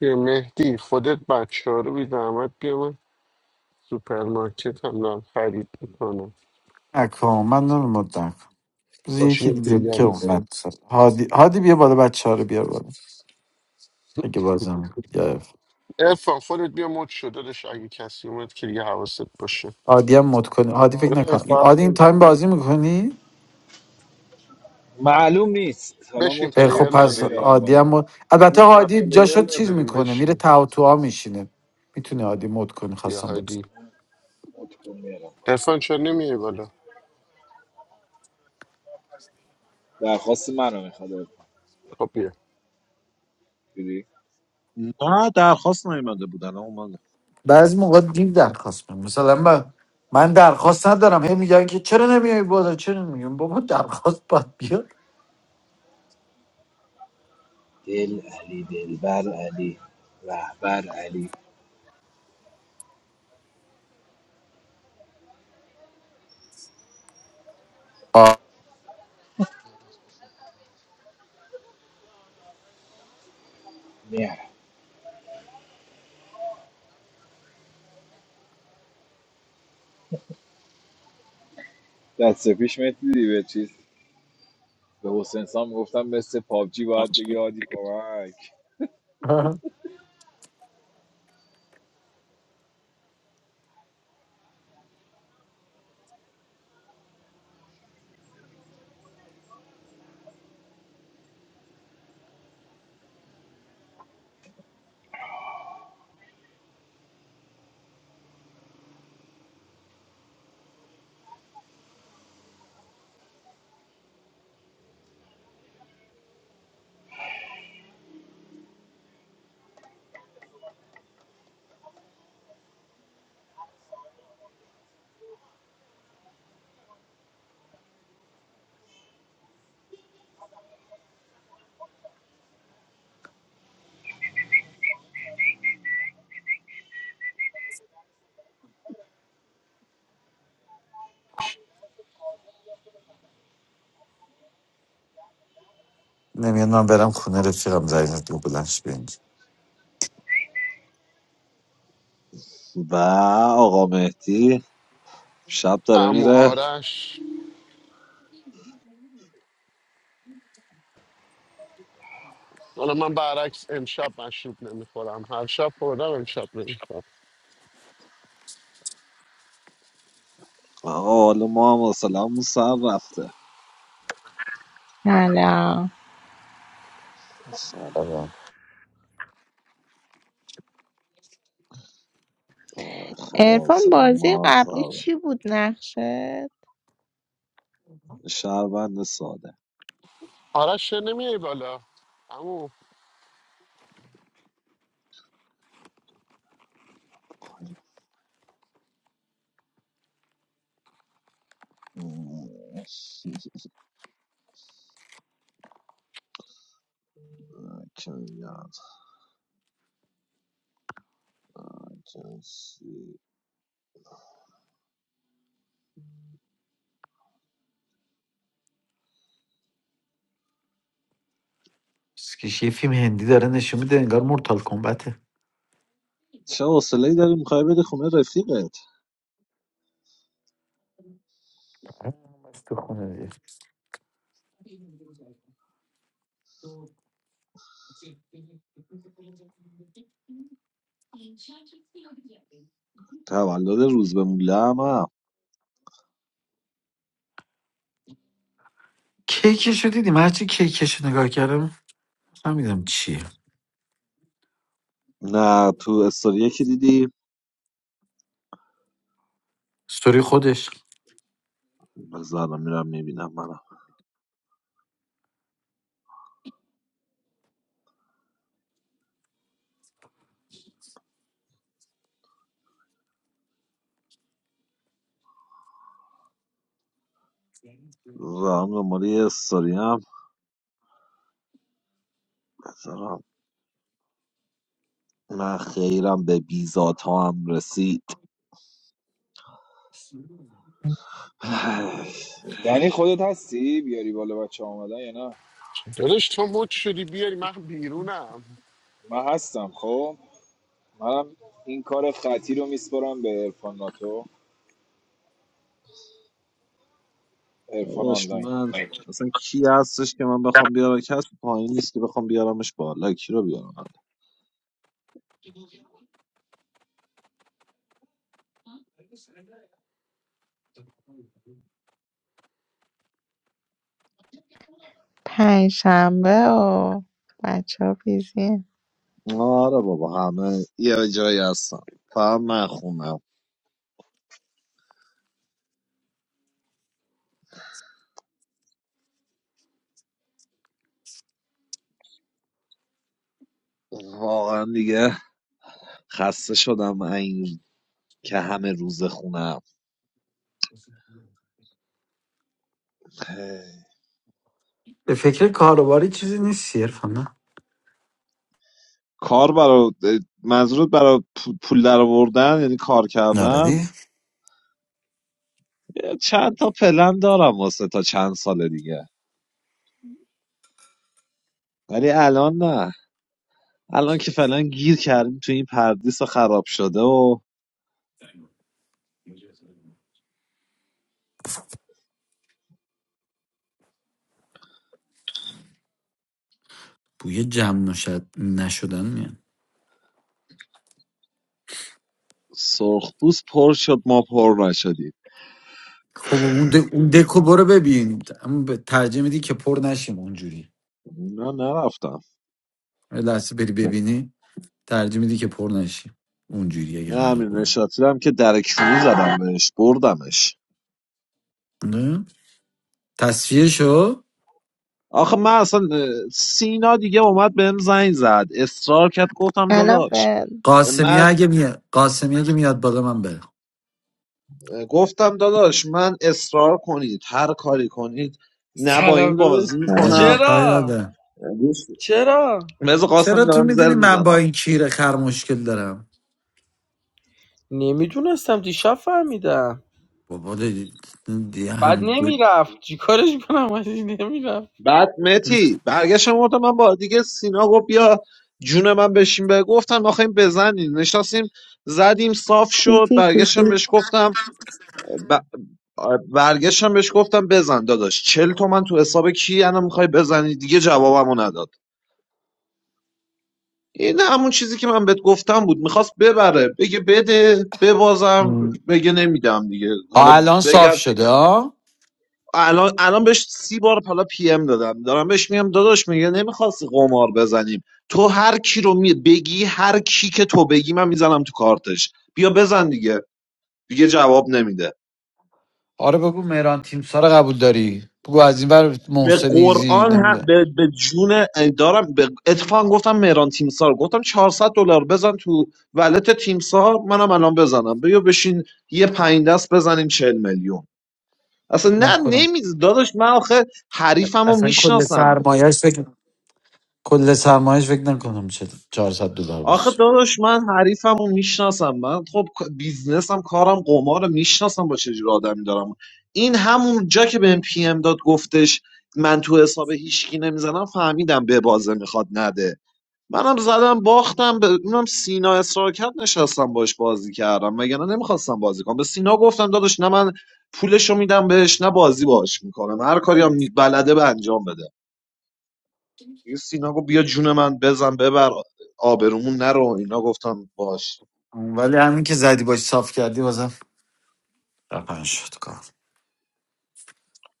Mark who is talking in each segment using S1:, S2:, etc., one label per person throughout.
S1: یه مهدی خودت بچه ها رو بی زحمت بیا من سوپرمارکت هم دارم خرید میکنم
S2: نکن من نمیمد نکن بذار
S1: باشه
S2: یکی
S1: یکی
S2: دیگه
S1: دیگر
S2: که اومد هادی هادی بیا بالا بچه ها رو بیار بالا اگه بازم می‌کنی. یا-
S1: ارفان خودت بیا مد شده داشت اگه کسی اومد که دیگه حواست باشه
S2: هادی هم مد کنی هادی فکر
S1: آره
S2: نکن این-
S1: فرق
S2: هادی این
S1: نمی‌کنه.
S2: تایم بازی میکنی
S3: معلوم نیست حالا
S1: بشین
S3: مد کن
S2: خب
S1: پلیر
S3: بچه ها رو
S2: پس
S1: نداری
S3: بیارم
S2: هادی هم
S3: بالا
S2: مد- البته
S1: نه نه
S2: هادی
S1: پلیر
S2: جاشو چیز
S1: نداریم
S2: میکنه میره
S1: بشین
S2: تعاطوها میشینه میتونه هادی مد کنی
S1: بیا
S2: خواستم باز
S1: هادی
S3: مد کن میارم بالا.
S1: ارفان چرا نمیای بالا
S3: درخواست منو میخواد
S1: خب بیا
S3: دیدی
S4: نه درخواست نیومده بودن الان اومده
S2: بعضی موقع دیر درخواست میکنم مثلا من من درخواست ندارم هی میگن که چرا نمیای بالا چرا نمیگم بابا درخواست باید بیاد
S3: دل علی دلبر علی رهبر علی
S2: آه.
S3: میارم دست پیش میدیدی به چیز به حسین سام گفتم مثل پابجی باید بگی هادی کمک
S2: نمیاد من برم خونه رفیقم زنگ دو بلنش بینج
S4: و آقا مهدی شب داره
S1: امو
S4: میره
S1: آرش حالا من برعکس امشب مشروب نمیخورم هر شب خوردم امشب نمیخورم
S4: آقا حالا ما هم حوصله‌مون سر رفته
S5: سلام
S4: اصلا آی خدا
S5: ارفان
S4: حوصله
S5: بازی
S4: ما هم سر
S5: قبلی
S4: رفته.
S5: چی بود نقشه؟
S4: شهروند ساده
S1: آرش چرا نمیای بالا
S4: کیان، جنسی.
S2: سکیش یه فیلم هندی داره نشون میده انگار مورتال کمبته
S4: چه حوصله ای داری میخوای بری خونه رفیقت
S2: تو خونه دیگه
S4: تولد روز به موله هم هم.
S2: کیکشو دیدیم هرچی کیکشو نگاه کردم نمیدم چیه
S4: نه تو استوری یکی دیدی
S2: ستوری خودش
S4: بذارم میرم میبینم منم و هم دنبال یه استوری هم من خیرم به بیزات ها هم رسید
S3: دنی خودت هستی بیاری بالا بچه ها اومدن یا نه
S1: داداش تو مد شدی بیاری من بیرونم
S3: من هستم خب منم این کار خطی رو میسپرم به ارفان ناتو ارفان
S4: داداش
S3: آنلاین
S4: من اصلا کی هستش که من بخوام بیارم کسی پایین نیست که بخوام بیارمش بالا کی رو بیارم بالا
S5: پنجشنبه و بچه ها بیزی
S4: آره بابا همه یه جایی هستن فقط من خونم واقعا دیگه خسته شدم من این که همه روز خونم
S2: به فکر کاروباری چیزی نیست صرفا نه
S4: کار برای منظورت برای پو- پول در آوردن یعنی کار کردن
S2: ناردی؟
S4: چند تا پلن دارم واسه تا چند سال دیگه ولی الان نه الان که فعلا گیر کردیم تو این پردیس خراب شده و
S2: بوی جمع نشد نشدن میان
S4: سرخپوست پر شد ما پر نشدیم
S2: خب اون, د... اون دکو برو ببین اما به ترجمه میدی که پر نشیم اونجوری
S4: نه نرفتم
S2: یه لحظه بری ببینی ترجمه میدی که پر نشیم اونجوری اگه
S4: نه
S2: قرار
S4: امیر
S2: بری
S4: نشاطی رو هم که در کیلو زدم بهش بردمش
S2: نه تصفیه شو
S4: آخه من اصلا اه، سینا دیگه اومد بهم زنگ زد اصرار کرد گفتم
S5: الان
S4: داداش
S5: به
S2: قاسمیه
S4: من
S2: اگه می... قاسمی اگه میاد بالا من برم
S4: گفتم داداش من اصرار کنید هر کاری کنید نه با
S6: سلام
S4: این
S6: داداش
S4: بازی
S2: سلام
S4: میکنم
S2: کاری
S6: چرا
S2: ندارم
S4: دوست
S6: چرا
S4: مثل
S2: چرا
S4: قاسم
S2: تو
S4: دارم زر
S2: میدونی من با
S4: میزنم
S2: این کیره خر مشکل دارم
S6: نمیدونستم دیشب فهمیدم
S2: بابا دی... دی
S6: بعد
S2: هم
S6: نمیرفت چیکارش کنم عزیز نمیرفت
S4: بعد متی برگشتم گفتم من با دیگه سینا گفت بیا جون من بشین به گفتم آخه این بزنین نشستیم زدیم صاف
S5: تی
S4: شد
S5: تی تی
S4: برگشتم
S5: تی.
S4: بهش گفتم آ، برگشتم بهش گفتم بزن داداش چل تومن تو حساب کی الان میخوای بزنی دیگه جوابمو نداد این همون چیزی که من بهت گفتم بود میخواست ببره بگه بده ببازم بگه نمیدم دیگه
S2: ها
S4: حالا
S2: الان
S4: بگم
S2: صاف شده ها
S4: الان الان بهش سی بار حالا پی ام دادم دارم بهش میگم داداش میگه نمیخواستی قمار بزنیم تو هر کی رو می بگی هر کی که تو بگی من میزنم تو کارتش بیا بزن دیگه دیگه جواب نمیده
S2: آره بگو مهران تیم سارا قبول داری بگو از این ور
S4: به
S2: محسنیزی
S4: قرآن هم
S2: نمیده
S4: به, به جون دارم به اتفاق گفتم مهران تیمسار گفتم 400 دلار بزن تو ولت تیمسار منم الان بزنم بیا بشین یه پنج دست بزنیم 40 میلیون اصلا نه
S2: نکنم
S4: نمیز داداش من آخه حریفمو
S2: اصلا کل
S4: میشناسم
S2: سرمایهش فکر کل سرمایهش فکر نکنم چه 400 دلار
S4: آخه
S2: بشه
S4: داداش من حریفمو میشناسم من خب بیزنسم کارم قمارم میشناسم با چه جور آدمی دارم این همون جا که بهم پی ام داد گفتش من تو حساب هیچکی نمیزنم فهمیدم به بازه میخواد نده منم زدم باختم به اونم سینا اصرار کرد نشستم باش بازی کردم وگرنه نمیخواستم بازی کنم به سینا گفتم داداش نه من پولشو میدم بهش نه بازی باش میکنم هر کاری هم می- بلده به انجام بده دیگه سینا گفت بیا جون من بزن ببر آبرومون نرو اینا گفتم باش
S2: ولی همین که زدی باش صاف کردی بازم رقم شد کار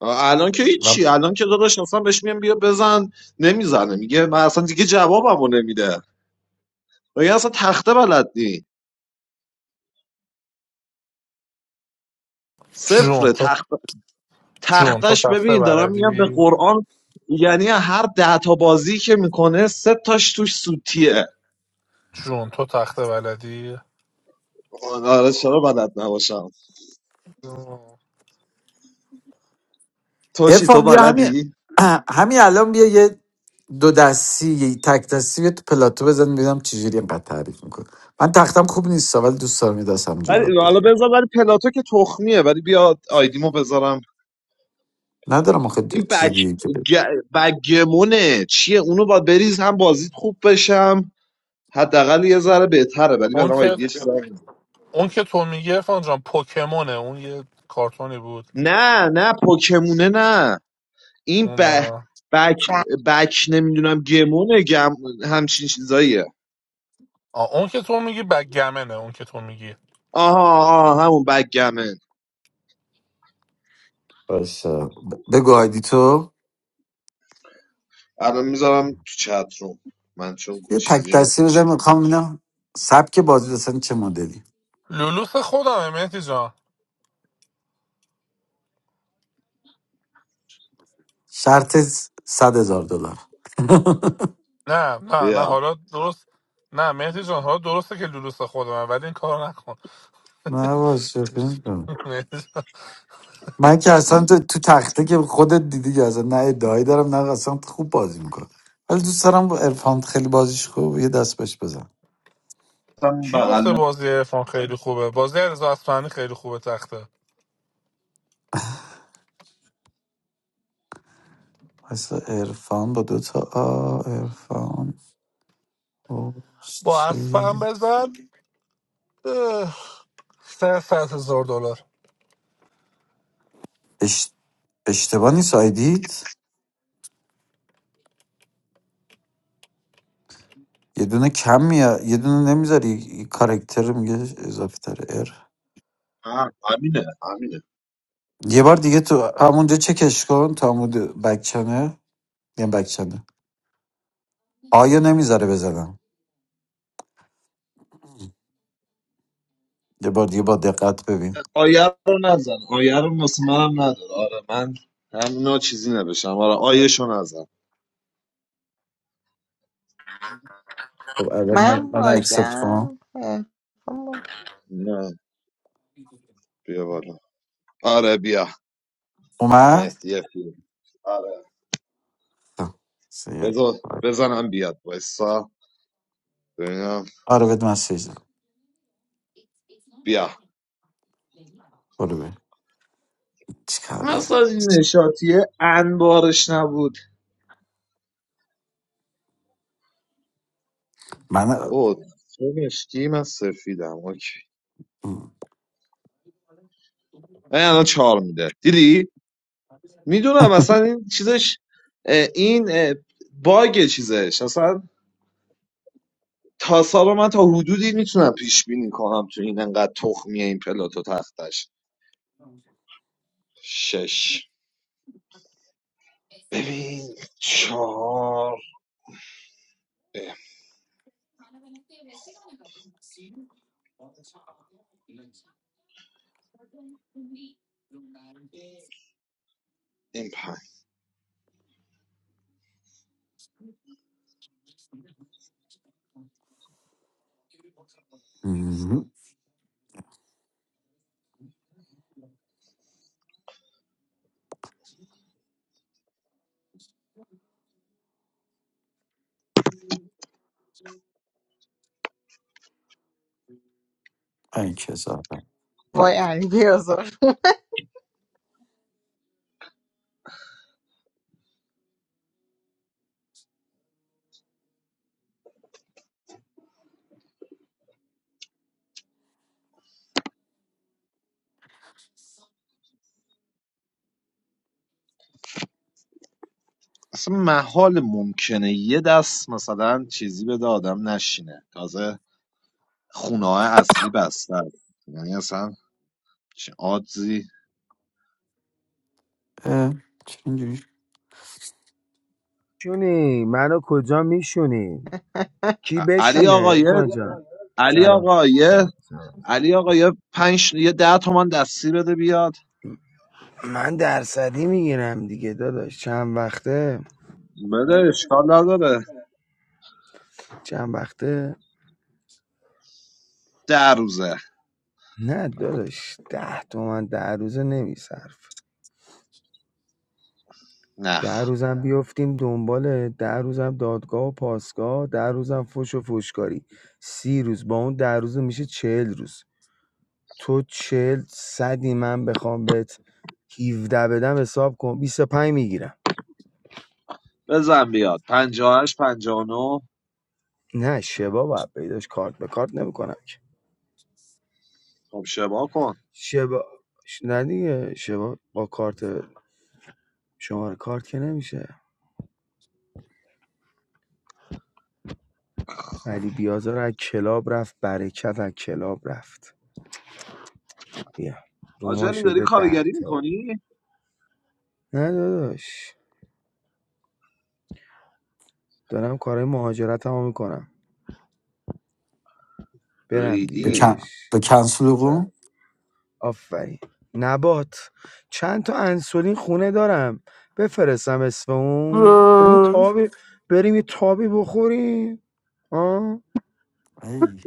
S4: الان که هیچی الان که داداش اصلا بهش میگم بیا بزن نمیزنه میگه من اصلا دیگه جوابمو نمیده میگه اصلا تخته بلد نی
S7: June to
S4: صفر
S7: June to
S4: تختش
S7: the
S4: ببین دارم
S7: third
S4: میگم به
S7: grade,
S4: قرآن یعنی هر ده تا بازی که میکنه سه تاش توش سوتیه
S7: June to the third grade.
S4: آره چرا بلد نباشم
S7: Oh,
S4: تو چی تو
S2: ارفان بیا همین
S4: بلدی
S2: همین الان بیا یه دو دستی یه تک دستی بیا تو پلاتو بزن ببینم چجوری اینقدر تعریف میکنه من تختم خوب نیست ولی دوست دارم یه دست همینجوری باد
S4: ولی
S2: بزن
S4: حالا بذار ولی پلاتو که تخمیه ولی بیا آیدیمو بذارم
S2: ندارم آخه ج-
S4: این بگ
S2: چیز دیگه که بگم.
S4: گ... بگمونه چیه اونو باید بریز هم بازیت خوب بشم حداقل یه ذره بهتره ولی
S7: on
S4: بلا آیدی یه چیز
S7: that,
S4: هم بذار.
S7: on that you say. From Pokemon, that was a cartoon.
S4: نه نه پوکمونه نه این ب-
S7: Oh,
S4: بک بک نمیدونم گمونه گم همچین چیزاییه
S7: on that you say. Baggyman, on that you say.
S4: آها آها همون بک گمن
S2: باشه ب- بگو آیدی تو
S4: الان میذارم تو چت روم من چون
S2: یه تک
S4: چیزی نی
S2: دستی بزن میخوام اینا سبک بازی دستن چه مدلی
S7: Lulusa, own me, me today.
S2: شرط صد هزار دلار
S7: No, no, no.
S4: بیا
S7: Harad, right. No, me today. Harad, right. So Lulusa, own me.
S2: نه باشه
S7: Don't do this. What
S2: من که اصلا تو, تو تخته که خودت دیدی که اصلا نه ادعایی دارم نه اصلا خوب بازی میکنه ولی دوست دارم با ارفان خیلی بازیش خوب یه دست بهش بزن
S4: هم
S7: did you
S4: بغل
S7: say?
S4: من
S7: The game is very good. The game with the sky is very good. With the
S2: اصلا ارفان با دو تا آ ارفان
S7: sky, I say. Thirty-five thousand dollars.
S2: اش... اشتباه نیست آیدید یه دونه کم میاد یه دونه نمیذاری یه کارکتر رو میگه اضافه تره ار
S4: هم، همینه همینه
S2: یه بار دیگه تو همونجا چکش کن تا همون بکچنه یه بکچنه آیا نمیذاره بزنم یه بار دیگه با دقت ببین
S4: آیه رو نزن آیه رو واسه منم نداره آره من هم همونا چیزی نبشم آره آیه رو نزن
S2: خب الان من,
S5: من
S2: من اکسپت کنم
S5: باگم عرفان با-
S4: نه بیا بالا آره بیا
S2: اومد
S4: مهدی فیلم آره
S2: خب. سید.
S4: بذار بزنم بیاد وایسا ببینم
S2: آره بد مسیج دادم.
S4: بیا
S2: برو ببین چی
S4: اصلا
S2: کاریه
S4: این نشاتیه انبارش نبود
S2: من
S4: او تو مشکی من سفیدم اوکی این الان چهار میده دیدی میدونم اصلا این چیزش اه، این اه، باگ چیزش اصلا تاسا رو من تا حدودی میتونم پیش بینی کنم تو این انقدر تخمیه این پلاتو تختش شش ببین چهار اه، این پنج
S2: مهم. این که زاره
S5: وای علی بیازار
S4: اصلا محال ممکنه یه دست مثلا چیزی بده آدم نشینه تازه خونه های اصلی بسته است. یعنی اصلا چه آدزی
S2: چرا اینجوری
S8: شونی منو کجا میشونی کی
S4: ع- علی
S8: بشینه
S4: آقا یه
S8: ارفان جان
S4: علی
S8: سلام
S4: آقا یه
S8: سلام سلام
S4: علی آقا یه پنج یه ده تومن دستی بده بیاد
S8: من درصدی میگیرم دیگه داداش چند وقته
S4: بده اشکال نداره
S8: چند وقته
S4: ده روزه
S8: نه داداش ده تومن در روزه نمیصرف در
S4: نخ
S8: روزم بیفتیم دنبال در روزم دادگاه و پاسگاه در روزم فش و فشکاری سی روز با اون ده روزه میشه چهل روز تو چهل صدی من بخوام بهت 17 بدم حساب کن 25 میگیرم
S4: بزن بیاد پنجاهش پنجاه هشت پنجاه
S8: نه شبا باید پیداش کارت به کارت نمیکنم که
S4: خب شبا کن
S8: شبا ش- نه دیگه شبا با کارت شماره کارت که نمیشه علی
S4: خب
S8: بیازار از کلاب رفت برکت از کلاب رفت بیا روما
S4: آجلی داری
S8: شده ده
S4: کارگری
S8: تا
S4: میکنی؟
S8: نه داداش دارم کارهای مهاجرت هم میکنم برم دیگه
S2: به
S4: ریدی
S2: کن
S8: داداش
S2: به کنسل
S8: برم.
S2: قوم
S8: آفرین نبات چند تا انسولین خونه دارم بفرستم اسم اون بریم یه تابی بریم یه تابی بخوریم آه
S2: ای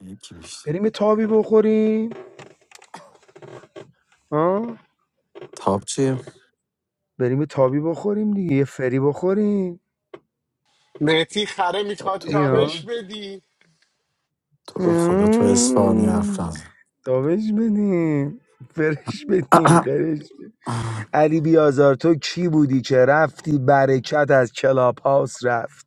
S2: یکی بیشتر
S8: بریم یه تابی بخوریم ها
S2: تاب چیه
S8: بریم یه تابی بخوریم دیگه یه فری بخوریم
S1: مهتی خره
S2: با
S1: میخواد
S2: تو
S4: بیا
S2: با
S8: میاد
S1: تابش بدی
S2: تو رو خدا تو اسپانیا حرف
S8: مم. تابش بدیم فرش بدیم
S2: نزن
S8: قرش بدیم. علی بیازار تو کی بودی که رفتی برکت از کلاب هاوس رفت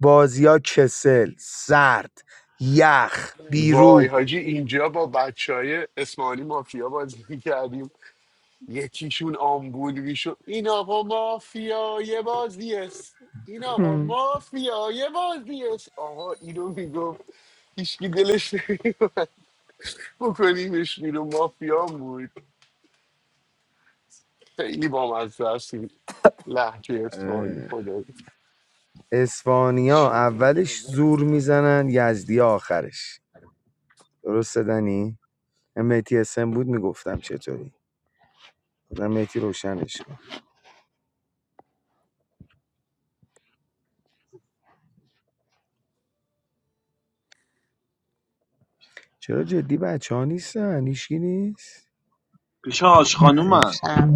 S8: بازیا کسل سرد یخ
S1: وای
S8: بیروح
S1: حاجی اینجا با بچه های اسمانی مافیا بازی میکردیم یکیشون آمبول میشد این آقا مافیای بازی است این آقا
S8: مم.
S1: مافیای بازی است آقا اینو میگفت هیچکی دلش نمیومد بکنیمش بیرون مافیا هم بود خیلی بامزه است این لحجه اسمانی خدا
S8: اسپانیا
S4: شو.
S8: اولش زور میزنن یزدی آخرش درسته دنی؟ مهدی اسم بود میگفتم چطوری بودم مهدی روشنش کن چرا جدی بچه ها نیستن هیچکی نیست
S4: پیش حاج
S8: بعد
S4: خانومن
S8: چه
S5: شم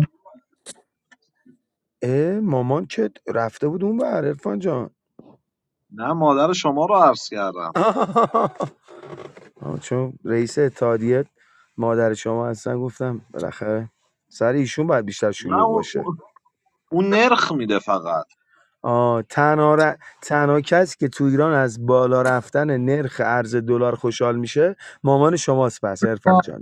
S8: اه مامان که رفته بود اون بر عرفان جان
S4: نه مادر شما رو عرض کردم
S8: آه، چون رئیس اتحادیه مادر شما هستن گفتم بالاخره سر ایشون باید بیشتر
S4: نه
S8: شلوغ
S4: اون,
S8: باشه
S4: اون اون نرخ میده فقط
S8: آه تنها, ر- تنها کسی که تو ایران از بالا رفتن نرخ ارز دلار خوشحال میشه مامان شماست پس عرفان جان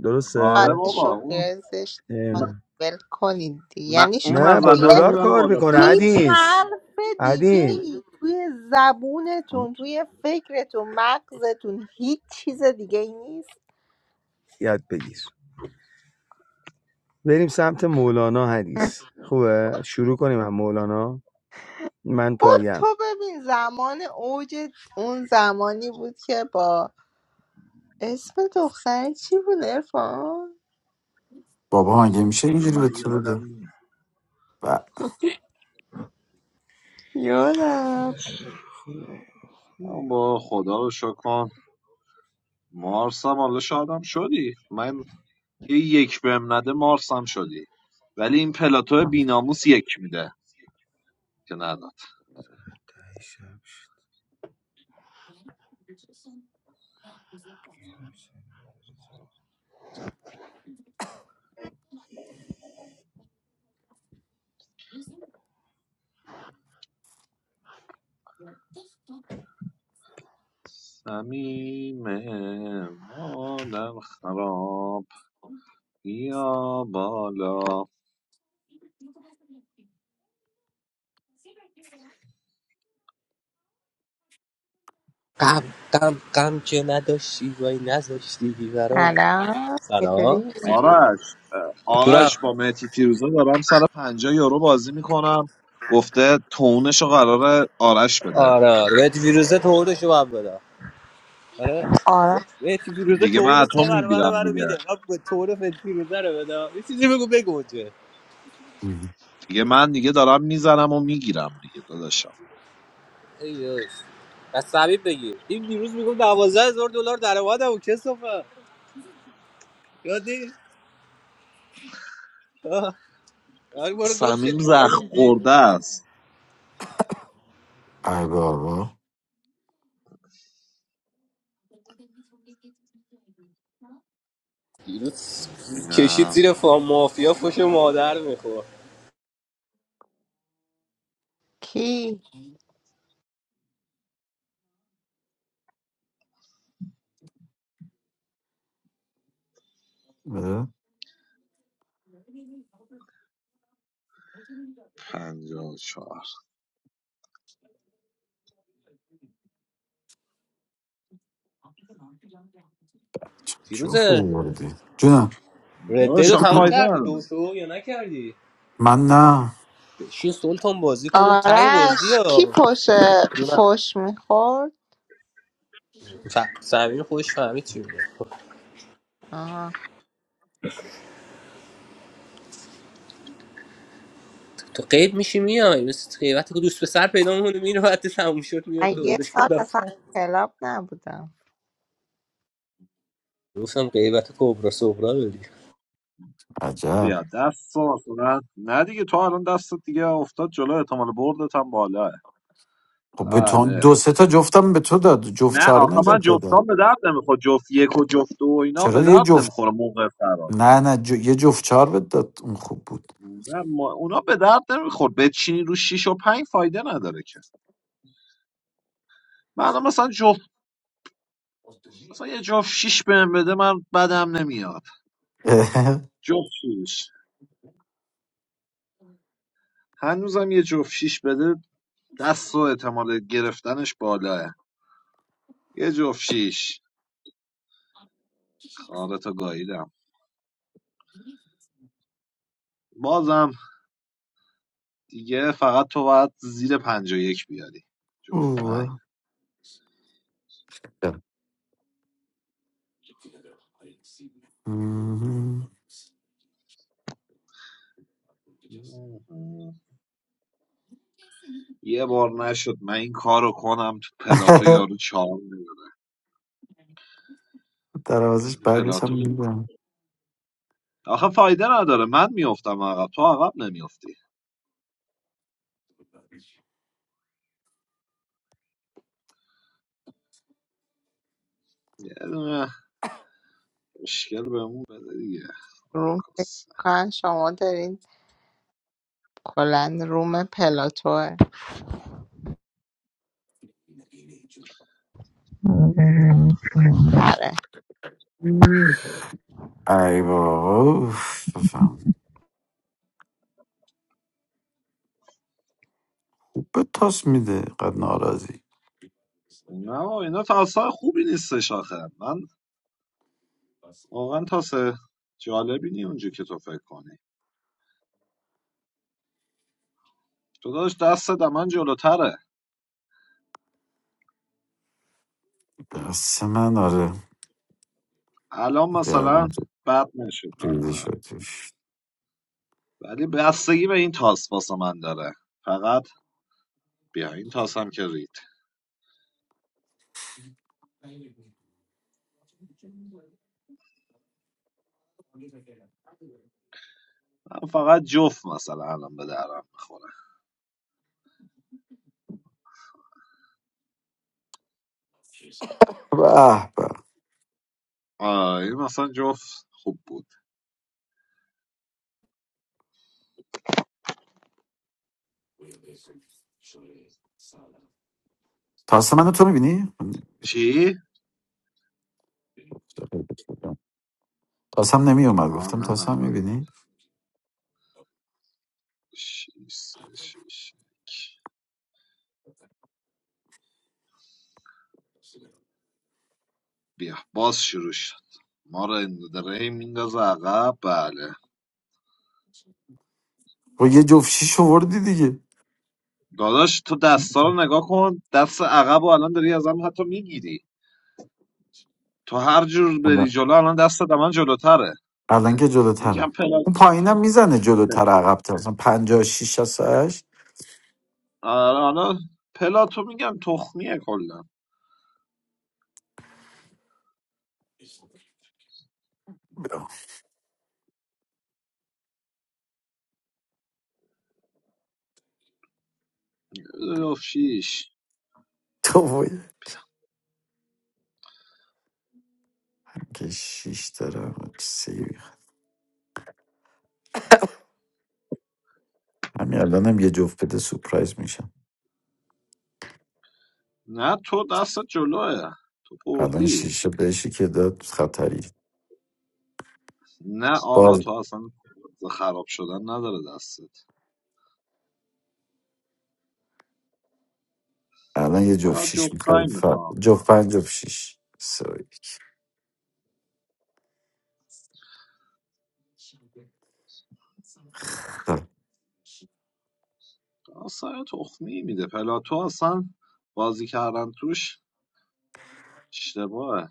S5: با
S4: آره
S8: درسته
S4: بابا اون
S5: شوخی زشت
S8: اه.
S5: کنید. ول کنید دیگه.
S4: من
S5: یعنی
S4: اون
S8: نه
S5: شما
S8: با
S5: دیگه
S4: مزنه رو
S8: دلار
S4: میبره
S8: کار میکنه
S4: بالاتر
S5: هیچ
S8: حدیث
S5: حرف دیگه
S8: عدین
S5: ای توی زبونتون توی فکرتون مغزتون هیچ چیز دیگه ای نیست
S8: یاد بگیر بریم سمت مولانا حدیث خوبه شروع کنیم هم مولانا من
S5: برو تو
S8: پایم
S5: ببین زمان اوج اون زمانی بود که با اسم دختر چی بود ارفان
S2: بابا مگه میشه
S4: حالا
S2: اینجوری به
S4: من
S2: تو
S4: یه آدم
S2: بده
S4: نیم
S2: ب-
S5: یادم
S4: اما با خدا رو شکر کن مارسم حالا شادم شدی من یه یک بهم نده مارسم شدی ولی این پلاتو بیناموس یک میده که نداد سمیم مادر خراب بیا بالا
S9: Kam kam kam chena doshi vai nazo shivi varo.
S5: سلام
S9: Salaam.
S5: چطوری
S9: Sutra.
S4: آرش آرش با مهتی فیروزه دارم سر پنجاه یورو بازی میکنم گفته تونش رو قرار آرش بده
S9: Aur vet virus thora shubha bata. Aur
S5: آرش
S9: vet virus
S4: دیگه من
S9: thora
S4: اتم
S9: sahara sahara
S4: میگیرم
S9: sahara bhi
S4: دیگه
S9: de. Ab thora vet virus bata. Isi time ko pehkoche.
S4: دیگه من دیگه دارم میزنم و میگیرم دیگه داداشم
S9: Aiyos. Kasabi pehli. Im virus biko na wazza zord zord zarawa da. Uchhesho ka? Kadhi. Aagbara koche.
S4: سمیم زخم خورده است
S2: ای بابا
S9: Virus ke shi
S4: اینم
S9: tira form mafia fashion model mein khoa.
S5: کی
S2: اه،
S4: پنجاه و چهار
S2: چه جفت
S9: Virus.
S2: بردی جونم
S9: Red, tell
S4: داداش
S9: us
S4: آخه فایده
S9: what you do.
S4: نداره
S9: So, what are you doing?
S2: من نه
S9: She told us to play. What are you
S5: آرش کی
S9: playing?
S5: پش
S9: You know.
S5: پش میخورد
S9: So, I'm going to play something. You know.
S5: آه.
S9: To play means you don't. You know, when
S5: من یه سال اصلا کلاب نبودم
S9: you play, you don't play.
S2: عجب
S4: بیا دست تو مثلا نه دیگه تو الان دستت دیگه افتاد جلو احتمال بردت هم بالاه
S2: خب به تو
S4: بله
S2: دو سه تا جفتم به تو داد جفت
S4: نه
S2: چاره
S4: آخه من
S2: نجات داد
S4: جفتام به درد نمیخوره جفت یک و جفت دو و اینا
S2: چرا
S4: به
S2: دیگه
S4: درد
S2: جفت
S4: نمیخوره موقع فرار
S2: نه نه ج... یه جفت چهار بهت داد اون خوب بود
S4: نه ما- اونا به درد نمیخوره بچینی رو شیش و پنج فایده نداره که من الان مثلا اصلا یه جفت شیش بهم بده من بدم نمیاد
S2: اه،
S4: جفت شیش هنوزم یه جفت شیش بده دست و احتمال گرفتنش بالاه یه جفت شیش خارتو گاییدم بازم دیگه فقط تو باید زیر پنجا یک بیاری جفت
S2: اوه. مم.
S4: یه بار نشد من این کارو کنم تو پلاتو یارو چهار میلیون
S2: دروازش بعدش هم
S4: پلاتو
S2: میدم
S4: آخه فایده نداره من میافتم عقب تو عقب نمیافتی یه دونه مشکل بهمون بده دیگه
S5: روم فکر کنم شما دارین کلا روم پلاتوه آره
S2: ای بابا اوف، بفهم. خوب به تاس میده قد ناراضی
S4: نه بابا، اینا تاسای خوبی نیستش آخه من واقعا تاس جالبی نی اونجا که تو فکر کنی تو داشت دست من جلوتره
S2: دست من آره
S4: الان مثلا
S2: گردن تو
S4: بد نشه برا
S2: ریزی
S4: من
S2: شد توش
S4: ولی بستگی به این تاس واسه من داره فقط بیا این تاس هم که رید من فقط جفت مثلا الان به درم میخوره
S2: به به
S4: آه این مثلا جفت خوب بود
S2: تاسم منو تو میبینی؟
S4: چی؟
S2: تاسم نمی اومد
S4: آه
S2: گفتم
S4: نه نه
S2: تاسم
S4: این من
S2: میبینی؟
S4: شیش شیش. بیا باز شروع شد ما رو اندرهی میندازه عقب بله
S2: و یه جفت شیش وردی دیگه
S4: داداش تو دستا رو نگاه کن دست عقب رو الان داری ازم حتی میگیری تو هر جور بری
S2: الان
S4: جلو الان دست من جلوتره
S2: الان که
S4: میگم
S2: جلوترم
S4: پلا
S2: اون پایینم میزنه جلوتر عقب تر مثلا پنجا شیش از هشت
S4: آره، حالا پلا تو میگم تخمیه کلا اوه، شیش
S2: تو باید. که شیش دارم سیبی همین الانم یه جفت بده سپرایز میشم
S4: نه تو دست جلوه تو
S2: الان
S4: بردی
S2: شیشه بهشی که داد خطری
S4: نه
S2: باز
S4: آقا تو اصلا خراب شدن نداره دستت
S2: الان یه جفت
S4: فقط
S2: شیش میخوای
S4: جفتایی
S2: ف...
S4: میخوام
S2: جفت پنج جفت شیش سوری
S4: اصلا تخمی میده پلا، تو اصلا بازی کردن توش اشتباهه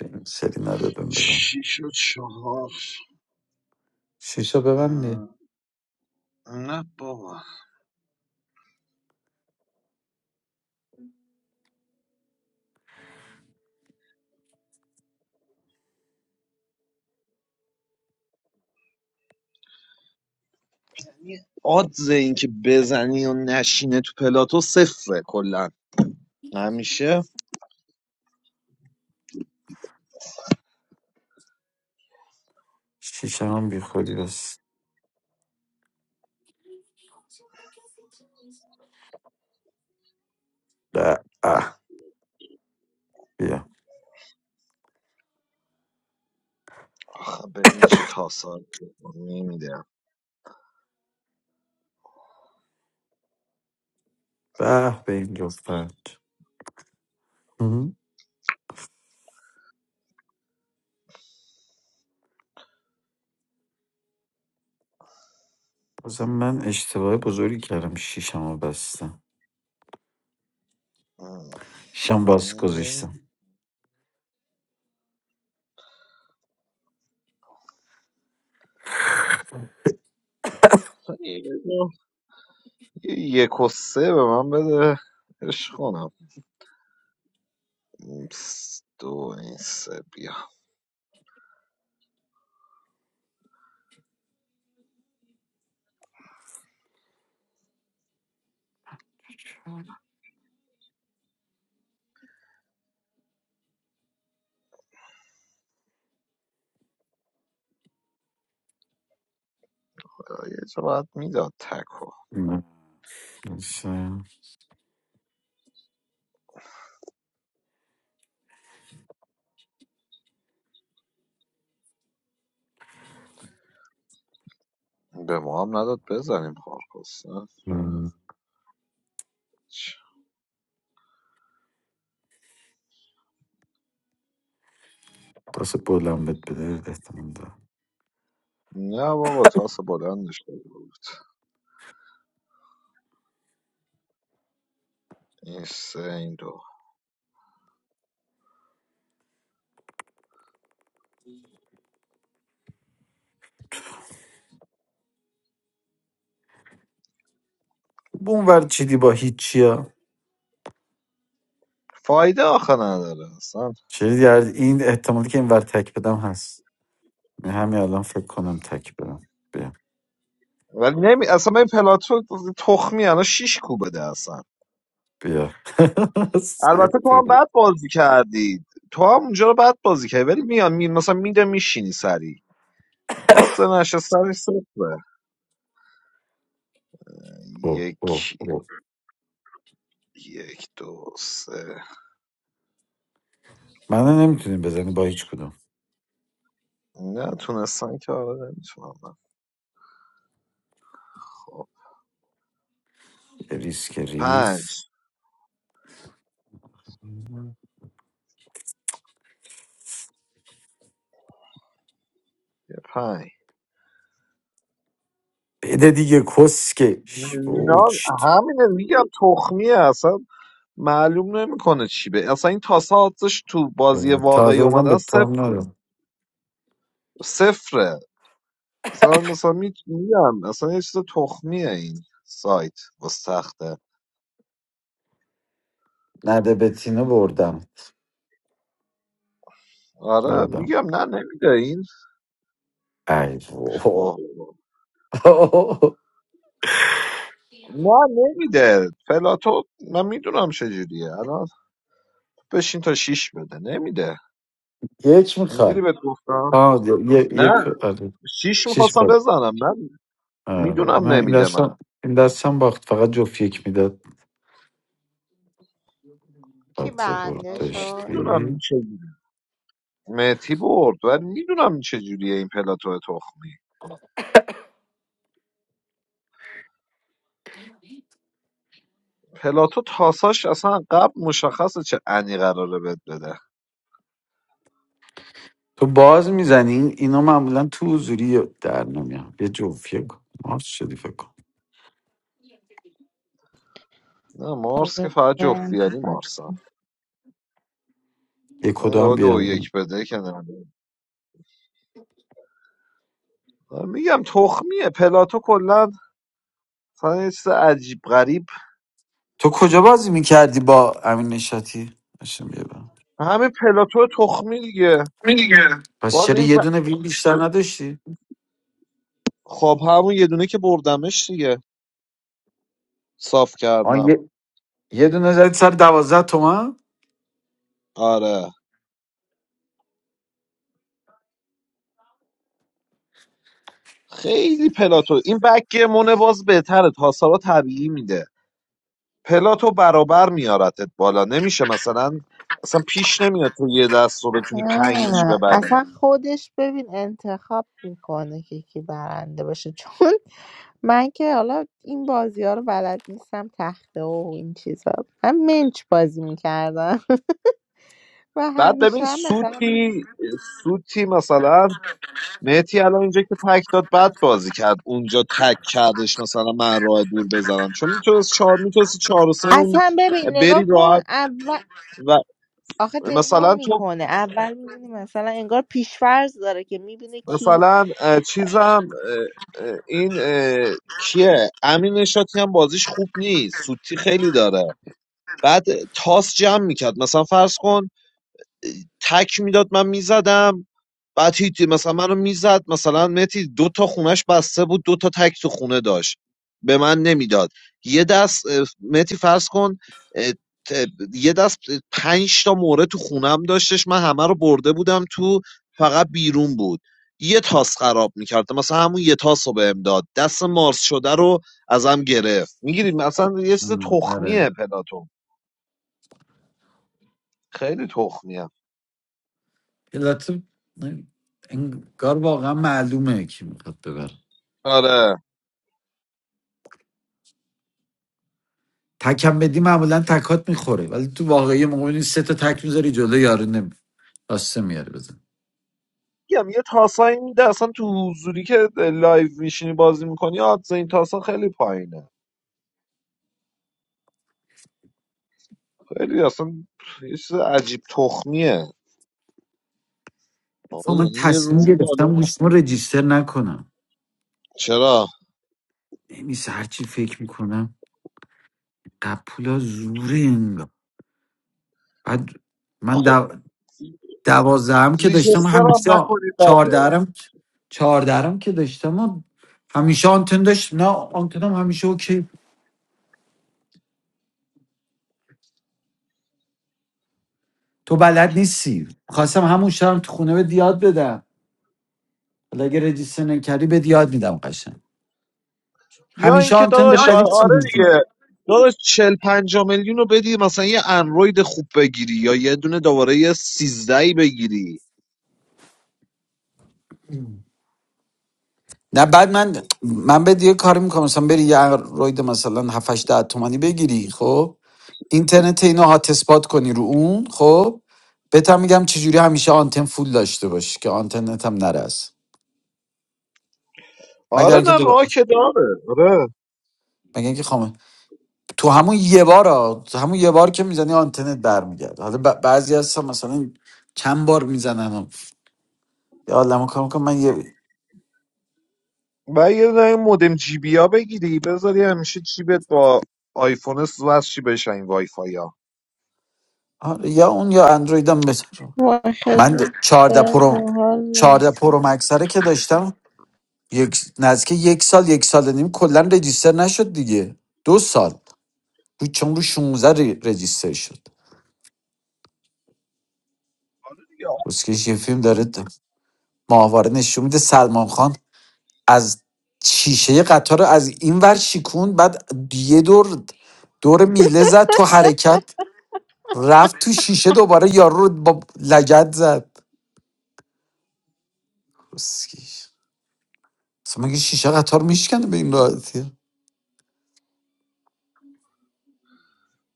S2: این سری نداد بهم بزن
S4: شیش و چهار
S2: شیشا ببندی
S4: نه بابا یعنی آدز این که بزنی و نشینه تو پلاتو صفره کلا همیشه
S2: شیشه هم بی خودی بس به اه بیا
S4: آخه ببین چه تاسار نمیدم
S2: به به این جفت پنج مهم. بازم من اشتباه بزرگی کردم شیشم رو بستم شیشم باز گذاشتم
S4: یک و سه به من بده اش کنم س- دو این سه بیا یه جا باید میداد تکو
S2: نه. شاید.
S4: به ما هم نداد بزنیم خارکس نه نه.
S2: مم. واسه بلند بهت بده احتمال دارم
S4: نه بابا تاس بلندش داده بود این سه این دو
S2: با اون ور چیدی با هیچی ها
S4: فایده آخه نداره اصلا
S2: شدید این احتمالی که این ور تک بدم هست من همین الان فکر کنم تک بدم
S4: ولی نمی اصلا این پلاتو تخمی الان شیش کوبه اصلا
S2: بیا سگ
S4: البته تو هم
S2: تو.
S4: بد بازی کردی تو هم اونجا رو بد بازی کردی ولی میان می... مثلا میده میشینی سری آدز نشستن صفره
S2: اوه اوه
S4: یک
S2: اوه
S4: یک دو سه
S2: منو نمیتونیم بزنی با هیچ کدوم
S4: نه تونستن که آره نمیتونم من خب
S2: یه ریسک ریز
S4: پنج یه پنج
S2: بده دیگه کسکش
S4: نه
S2: بوچت
S4: همینه میگم تخمیه اصلا معلوم نمیکنه چی به اصلا این تاسه آدزش تو بازی واقعی
S2: تازه بودم به
S4: اومدن
S2: تو هم
S4: صفره
S2: ندارم
S4: صفره سلام مثلا می- میگم اصلا یه چیز تخمیه این سایت با سخته
S2: نده به تینو بردم
S4: آره
S2: بردم
S4: میگم نه نمیده این
S2: ای بابا.
S4: اوه. نه نمیده پلاتو من میدونم چجوریه الان بشین تا شیش بده نمیده
S2: یک
S4: دیدی
S2: میخوای
S4: بهت گفتم
S2: آه یه
S4: نه
S2: یک آره.
S4: شیش
S2: شش
S4: میخواستم
S2: بار
S4: بزنم من
S2: آره.
S4: میدونم
S2: من این
S4: نمیده من
S2: دستم این دستم باخت فقط جفت یک میداد
S5: کی
S2: بعد برد
S5: برنده
S4: آره من
S5: شد
S2: داشتی
S4: میدونم چجوری مهتی برد ولی میدونم چجوریه این پلاتو تخمی پلاتو تاساش اصلا قبل مشخصه چه انی قراره بهت بده
S2: تو باز میزنی اینا معمولا تو حضوری در نمیان یه جوفیه کن مارس شدی فکر کن
S4: نه مارس که فقط جفتیانی
S5: انتخاب
S4: مارسم
S2: یه کدا هم
S4: یا دو و
S2: بیاریم
S4: یک بده که نه میگم تخمیه پلاتو کلا مثلا یه چیز عجیب غریب
S2: تو کجا بازی میکردی با امین نشاتی بشم بیا برم.
S4: همه پلاتو تخمی دیگه
S2: پس
S4: باز
S2: چرا
S4: این
S2: یه
S4: ف-
S2: دونه ویل بیشتر نداشتی
S4: خب همون یه دونه که بردمش دیگه صاف
S2: آن
S4: کردم
S2: یه, یه دونه زدی سر دوازده تومن
S4: آره خیلی پلاتو این بکگیمونه باز بهتره تاسالا طبیعی میده پلاتو برابر میارتت بالا نمیشه مثلا اصلا پیش نمیاد تو یه دست رو بتونی پنج
S5: نه.
S4: ببری
S5: اصلا خودش ببین انتخاب میکنه که کی برنده باشه چون من که حالا این بازی ها رو بلد نیستم تخته و این چیزا من منچ بازی میکردم و
S4: بعد
S5: همیشه
S4: ببین
S5: هم مثلا
S4: سوتی سوتی مثلا مهتی الان اینجا که تک داد بد بازی کرد اونجا تک کردش مثلا من راه دور بزنم چون میتونست چهار میتونستی چهار و سه اون
S5: اصلا ببین
S4: بری
S5: نگاه کن
S4: راحت
S5: اول
S4: و
S5: آخه نگاه
S4: مثلا تو
S5: میکنه اول میبینه مثلا انگار پیشفرض داره که میبینه کی
S4: مثلا اه، چیزم اه، اه، این اه، کیه امین نشاطی هم بازیش خوب نیست سوتی خیلی داره بعد تاس جمع میکرد مثلا فرض کن تک میداد من میزدم بعد هیچ مثلا منو میزد مثلا متی دو تا خونش بسته بود دو تا تک تو خونه داشت به من نمیداد یه دست اه، متی فرض کن اه، ت- یه دست پنج تا موره تو خونم داشتش من همه رو برده بودم تو فقط بیرون بود یه تاس خراب میکرد مثلا همون یه تاس رو بهم داد دست مارس شده رو ازم گرفت میگیریم مثلا یه چیز
S2: مم، آره
S4: تخمیه پلاتون خیلی تخمیه
S2: البته نه، انگار واقعا معلومه کی میخواد ببر
S4: آره
S2: تکم بدی معمولا تکات میخوره ولی تو واقعی موقع می‌بینی سه تا تک میذاری جلو یارو نمی راسته میاره بزن.
S4: میگم یه تاسایی میده اصلا تو حضوری که لایو میشینی بازی میکنی آدز این تاسا خیلی پایینه خیلی اصلا یه چیز عجیب تخمیه آقا
S2: اتفاقا من
S4: یعنی یه
S2: تصمیم
S4: روم داره
S2: گرفتم گوشت ما رجیستر نکنم
S4: چرا
S2: نمیس هرچی فکر میکنم قپولا زوره انگار بعد من
S4: آخه
S2: دو... دوازده هم که داشتم
S4: ریجستر هم
S2: همیشه آ-
S4: نکنی بده
S2: چهارده هم چهارده هم که داشتم و همیشه آنتن داشت نه آنتنم همیشه اوکی تو بلد نیستی خواستم همون شرم تو خونه به یاد بدم حالا اگه رجیستر نکردی به یاد میدم قشنگ
S4: یا
S2: همیشه
S4: اینکه
S2: آنتن به
S4: داداش آ-
S2: ولی
S4: آره
S2: سیریزی.
S4: دیگه داداش 40 50 میلیون رو بدی مثلا یه اندروید خوب بگیری یا یه دونه دوباره یه 13 بگیری
S2: نه بعد من من بهت یه کاری میکنم مثلا بری یه روید مثلا 7 8 10 تومانی بگیری خب اینترنت اینو هات اسپات کنی رو اون خب بهت هم میگم چجوری همیشه آنتن فول داشته باشی که آنتنت هم نره از مگر
S4: آره
S2: اینکه
S4: نه
S2: دوباره
S4: راه که داره آره
S2: مگر اینکه خامه تو همون یه بار ها، تو همون یه بار که میزنی آنتنت برمیگرده حالا ب- بعضی هستن مثلا چند بار میزنن و یه عالمه کار میکنم من یه
S4: و یه دونه مودم جی بی ها بگیری بذاری همیشه جیبت با آیفون وصل چی بشن این وای فای ها
S2: آره، یا اون یا اندرویدم بهتره
S5: وای خیلی
S2: من چهارده پرو
S5: به حال
S2: چهارده
S5: نیست
S2: پرو مکسره که داشتم یک نزدیک یک سال یک سال و نیم کلا رجیستر نشد دیگه دو سال رو چون رو 16 ری- رجیستر شد
S4: آره دیگه. آ-
S2: اسکش یه فیلم داره د- ماهواره نشون میده سلمان خان از شیشه قطار رو از این ور شیکون بعد یه دور دور میله زد تو حرکت رفت تو شیشه دوباره یارو رو با لگت زد اسکش اصلا مگه شیشه قطار میشکنه به این راحتی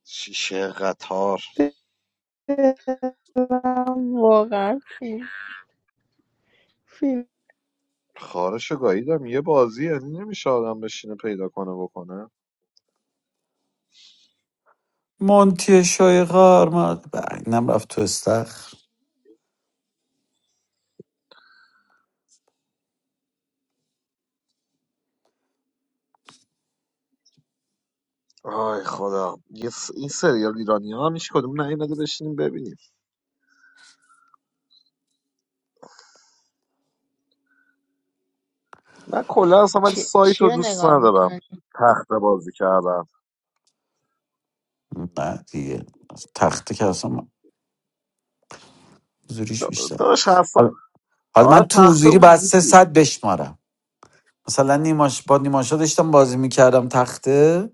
S4: شیشه قطار
S5: دلم واقعا فیلم فیلم
S4: خارش گاییدم یه بازی یعنی نمیشه آدم بشینه پیدا کنه بکنه
S2: مونتی شایقار ما اینم رفت تو استخر
S4: آی خدا یه س- این سریال ایرانی ها هم هیچ کدوم نیومده بشینیم ببینیم من کلا اصلا ولی
S5: چی,
S4: سایت
S5: چی
S4: رو
S5: رو
S4: دوست
S5: نگاه
S4: ندارم
S5: میکنی؟
S4: تخته بازی کردن
S2: بعد دیگه تخته که اصلا من- زوریش
S4: دا-
S2: بیشتر
S4: داداش حرفا
S2: حالا حالا
S4: آره
S2: من تو
S4: تخته
S2: زوری بعد سه
S4: حضوری
S2: ساعت بشمارم مثلا نیماش با نیماشا داشتم بازی میکردم تخته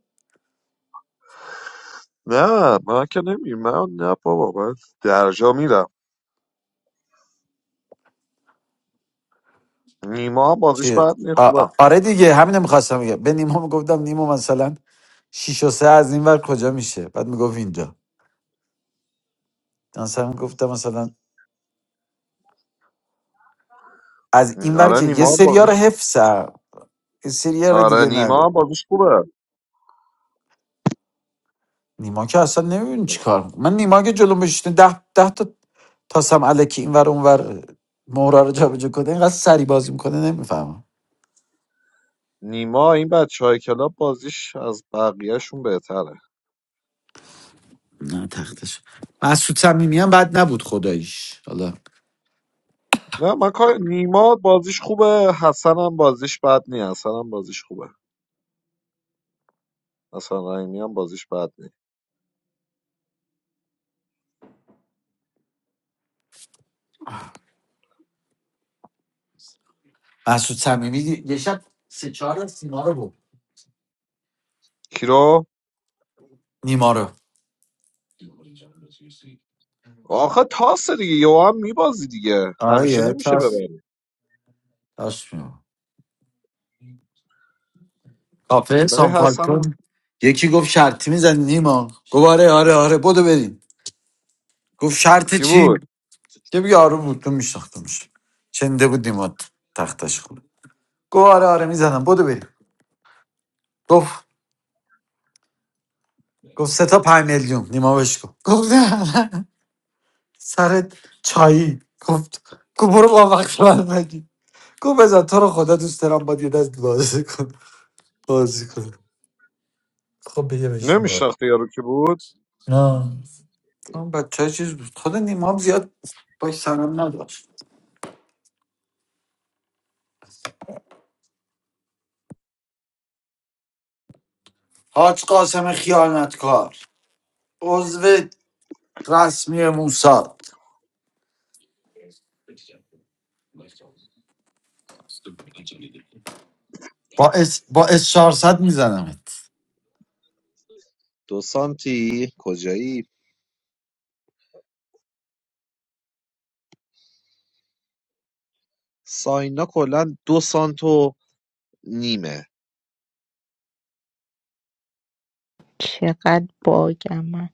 S4: نه من که نمی من نه بابا من درجا میرم نیما هم بازیش
S2: چه
S4: بعد نی
S2: آ-
S4: خوبه
S2: آ- آره دیگه همینو میخواستم بگم به نیما میگفتم نیما مثلا شیش و سه از این ور کجا میشه بعد میگفت اینجا مثلا گفتم مثلا از این ور
S4: آره
S2: که یه
S4: نیما هم
S2: سریا رو
S4: بازیش
S2: حفظم یه سریا رو
S4: آره
S2: دیگه نه
S4: نیما هم بازیش خوبه
S2: نیما که اصلا نمیدونی چی کار می‌کنه. من نیما که جلو میشته ده, ده تا تاسم علکی اینور اونور مهره رو جابجا کنه اینقدر سری بازی میکنه نمیفهمم
S4: نیما این بچه های کلاب بازیش از بقیهشون بهتره
S2: نه تختش مسعود صمیمی هم بد نبود خداییش حالا
S4: نه من کار نیما بازیش خوبه حسن هم بازیش بد نی حسن هم بازیش خوبه حسن رحیمی هم بازیش بد نی
S2: مسعود صمیمی یه شب سه چهار از سیما رو بود
S4: کیرو
S2: نیما رو
S4: آخه تاس دیگه یو هم میبازی دیگه همیشه
S2: آیه
S4: نمیشه
S2: تاس
S4: ببری
S2: تاس می‌برد. کافه
S4: برای
S2: سان
S4: حسن
S2: فالکون یکی گفت شرطی میزن نیما گفت آره آره آره بدو بریم گفت شرط
S4: کی
S2: چی
S4: بود
S2: که یارو بود تو میشناختمش چنده بود نیما تختش گو آره آره میزنم بدو بریم گفت گفت سه تا پنج میلیون نیما بهش گفت گفت نه نه. چایی گفت گفت برو با وقت من بگی گفت بزن تو رو خدا دوست دارم باید یه دست بازی کن بازی کن خب بگه بشین باید
S4: نمیشناختی یارو کی بود
S2: نه اون بچه چیز بود خود نیما هم زیاد باش سرم نداشت حاج قاسم خیانتکار عضو رسمی موساد با اس با اس 400 میزنم
S4: دو سانتی کجایی ساینا کلا دو سانت و نیمه
S5: چقدر باگم من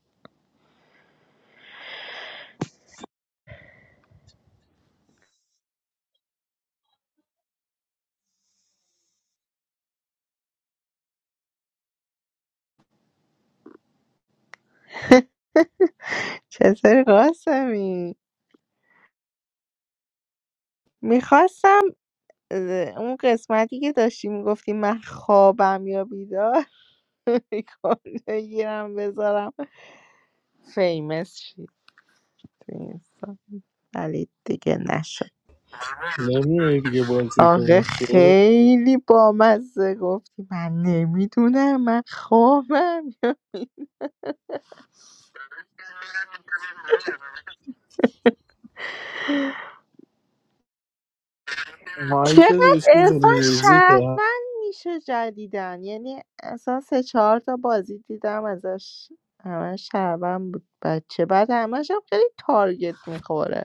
S5: چطوری قاسمی؟ میخواستم اون قسمتی که داشتی میگفتی من خوابم یا بیدار ریکارد بگیرم بذارم فیمس شید تو اینستا. ولی دیگه نشد
S6: نمیای دیگه بازی
S5: آخه
S6: کنیم شعر
S5: خیلی بامزه گفتی من نمیدونم من خوابم
S6: مایکت رو
S5: چقدر
S6: چیز
S5: ارفان
S6: میوزیک
S5: شهروند میشه جدیدن یعنی اصلا سه چهار تا بازی دیدم ازش همه شهروند بود بچه بعد همش هم خیلی تارگت میخوره